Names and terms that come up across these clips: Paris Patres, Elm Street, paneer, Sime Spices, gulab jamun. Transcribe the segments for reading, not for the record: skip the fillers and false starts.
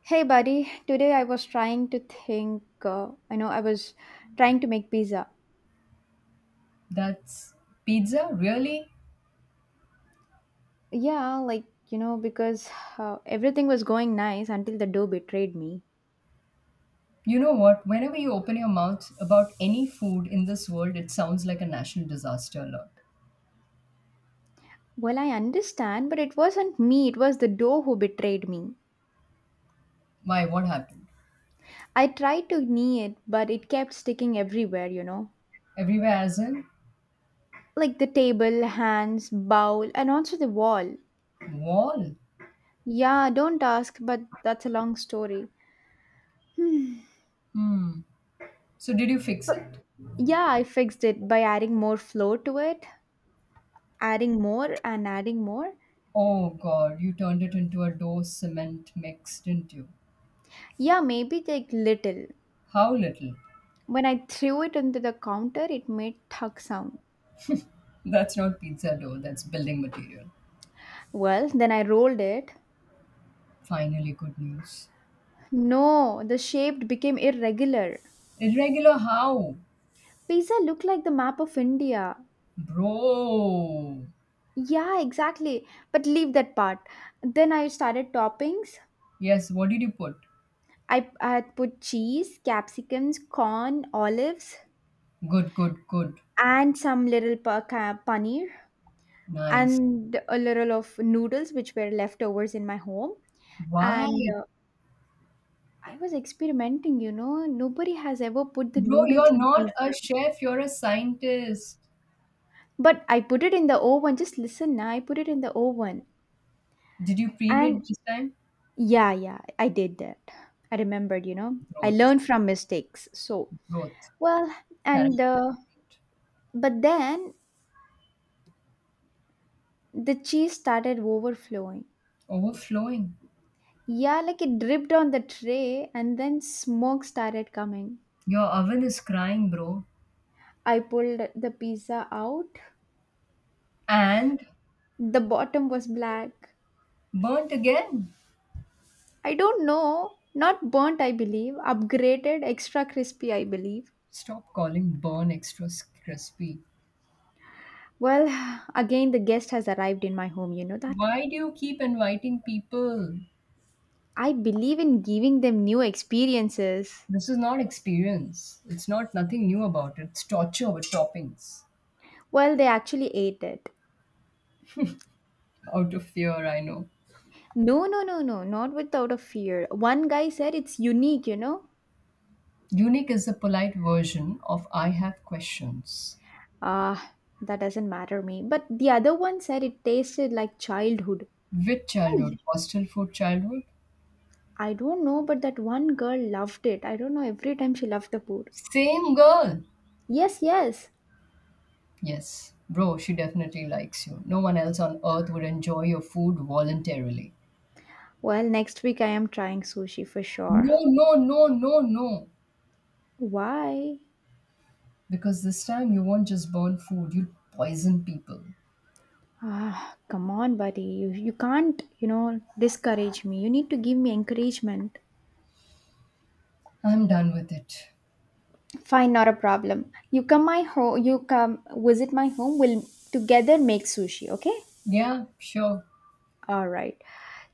Hey buddy, today I was trying to think, I know I was trying to make pizza. That's pizza? Really? Yeah, like, you know, because everything was going nice until the dough betrayed me. You know what? Whenever you open your mouth about any food in this world, it sounds like a national disaster alert. Well, I understand, but it wasn't me, it was the dough who betrayed me. Why? What happened? I tried to knee it, but it kept sticking everywhere, Everywhere, as in? Like the table, hands, bowl, and also the wall. Wall? Yeah, don't ask, but that's a long story. Hmm. So, did you fix But it? yeah, I fixed it by adding more flour to it, adding more and adding more. Oh god, you turned it into a dough cement mix, didn't you? Yeah, maybe like little. How little? When I threw it into the counter, it made thug sound. That's not pizza dough, that's building material. Well, then I rolled it. Finally, good news. No, the shape became irregular. Irregular how? Pizza looked like the map of India. Bro! Yeah, exactly. But leave that part. Then I started toppings. Yes, what did you put? I had put cheese, capsicums, corn, olives, Good, good, good. and some little paneer, Nice. and a little of noodles, which were leftovers in my home Why? and I was experimenting, Nobody has ever put the Bro, noodles you're in not pizza. a chef, you're a scientist. But I put it in the oven. Just listen, na, I put it in the oven. Did you preheat And this time? yeah, I did that. I remembered, I Growth, learned from mistakes. So, growth, well, character and development, but then the cheese started overflowing. overflowing. Yeah, like it dripped on the tray and then smoke started coming. Your oven is crying, bro. I pulled the pizza out. And The bottom was black. burnt again. I don't know. Not burnt, I believe. Upgraded, extra crispy, I believe. Stop calling burn extra s- crispy. Well, again, the guest has arrived in my home, you know that? Why do you keep inviting people? I believe in giving them new experiences. This is not experience. It's not nothing new about it. It's torture with toppings. Well, they actually ate it. Out of fear, I know. No, no, no, no, not without a fear. One guy said it's unique, you know? Unique is a polite version of I have questions. Ah, that doesn't matter me. But the other one said it tasted like childhood. With I childhood, hostel food childhood? I don't know, but that one girl loved it. I don't know, every time she loved the food. Same girl. Yes, yes. Yes, bro, she definitely likes you. No one else on earth would enjoy your food voluntarily. Well, next week I am trying sushi for sure. No, no, no, no, no. Why? Because this time you won't just burn food, you poison people. Ah, come on, buddy. You can't, you know, discourage me. You need to give me encouragement. I'm done with it. Fine, not a problem. You come my home. You come visit my home. We'll together make sushi. Okay. Yeah, sure. All right.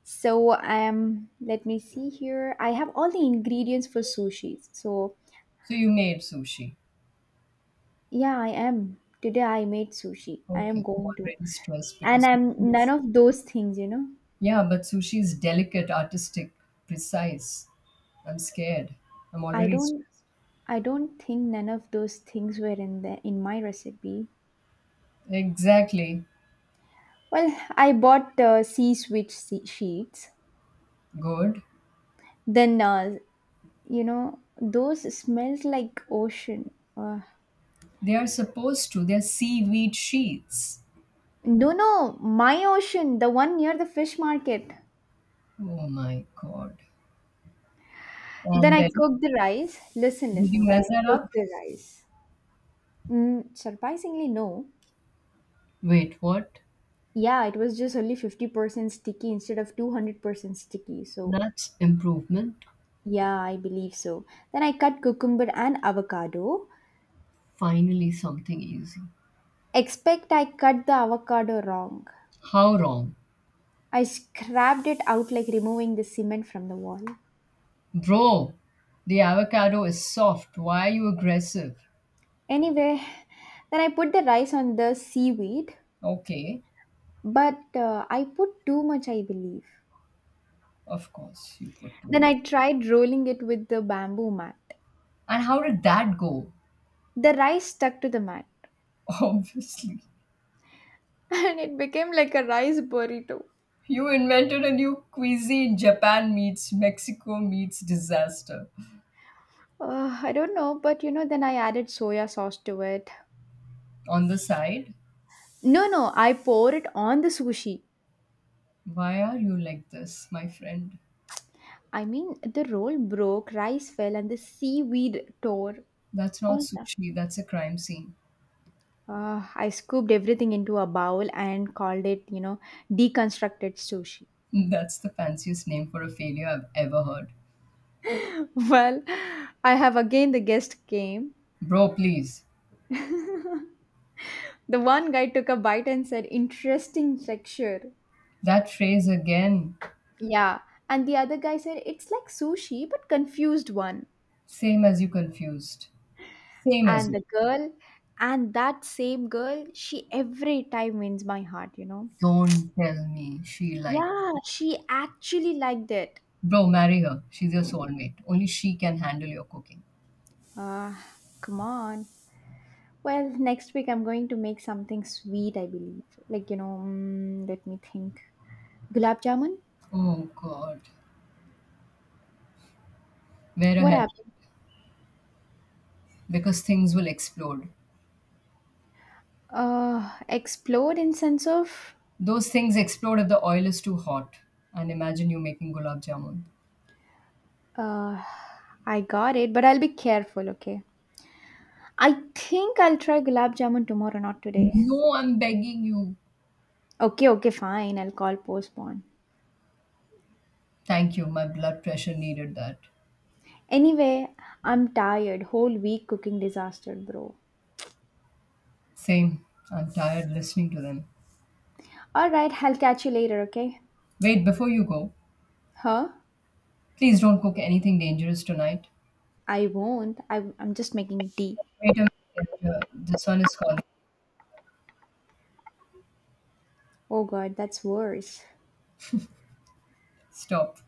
So let me see here. I have all the ingredients for sushi. So So you made sushi. yeah, I am. Today I made sushi. I am Okay, I'm going to, already stressed and because. I'm none Sushi's- of those things. You know, Yeah, but sushi is delicate, artistic, precise. I'm scared. I'm I already don't. stressed. I don't think none of those things were in the in my recipe. Exactly. Well, I bought sea switch sea sheets. Good. Then you know those smells like ocean. Uh, They are supposed to. They're seaweed sheets. no, no, my ocean, the one near the fish market. Oh my God. Then And I then, cooked the rice. Listen, did listen. you Then I measure cooked up? the rice. Mm, surprisingly, no. Wait, what? Yeah, it was just only 50% sticky instead of 200% sticky. So, That's improvement. yeah, I believe so. Then I cut cucumber and avocado. Finally, something easy. Expect I cut the avocado wrong. How wrong? I scrapped it out like removing the cement from the wall. Bro, the avocado is soft. Why are you aggressive? Anyway, then I put the rice on the seaweed, Okay, but I put too much, I believe. of course, you put too Then much. I tried rolling it with the bamboo mat. And how did that go? The rice stuck to the mat Obviously. and it became like a rice burrito. You invented a new cuisine. Japan meets Mexico meets disaster. I don't know, but you know, then I added soya sauce to it. On the side, No, no, I pour it on the sushi. Why are you like this, my friend? I mean, the roll broke, rice fell, and the seaweed tore That's not all that. sushi, that's a crime scene. I scooped everything into a bowl and called it, you know, deconstructed sushi. That's the fanciest name for a failure I've ever heard. Well, I have again the guest came. Bro, please. The one guy took a bite and said, interesting texture. That phrase again. Yeah. And the other guy said, it's like sushi, but confused one. Same as you confused. Same as And you. the girl, and that same girl, she every time wins my heart, Don't tell me she liked. Yeah, she actually liked it. Bro, marry her. She's your soulmate. Only she can handle your cooking. Ah, come on. Well, next week I'm going to make something sweet, I believe. Like, you know, mm, let me think. Gulab jamun? Oh God. Wear a What helmet happened? because things will explode. Explode in sense of Those things explode if the oil is too hot. And imagine you making gulab jamun. uh, I got it, but I'll be careful, okay? I think I'll try gulab jamun tomorrow, not today. No, I'm begging you. Okay, okay, fine. I'll call postpone. Thank you. My blood pressure needed that. Anyway, I'm tired. Whole week cooking disaster, bro. Same. I'm tired listening to them. All right, I'll catch you later, okay? Wait, before you go, Huh? please don't cook anything dangerous tonight. I won't. I'm just making tea. Wait a minute. This one is calling. Oh god, that's worse. Stop.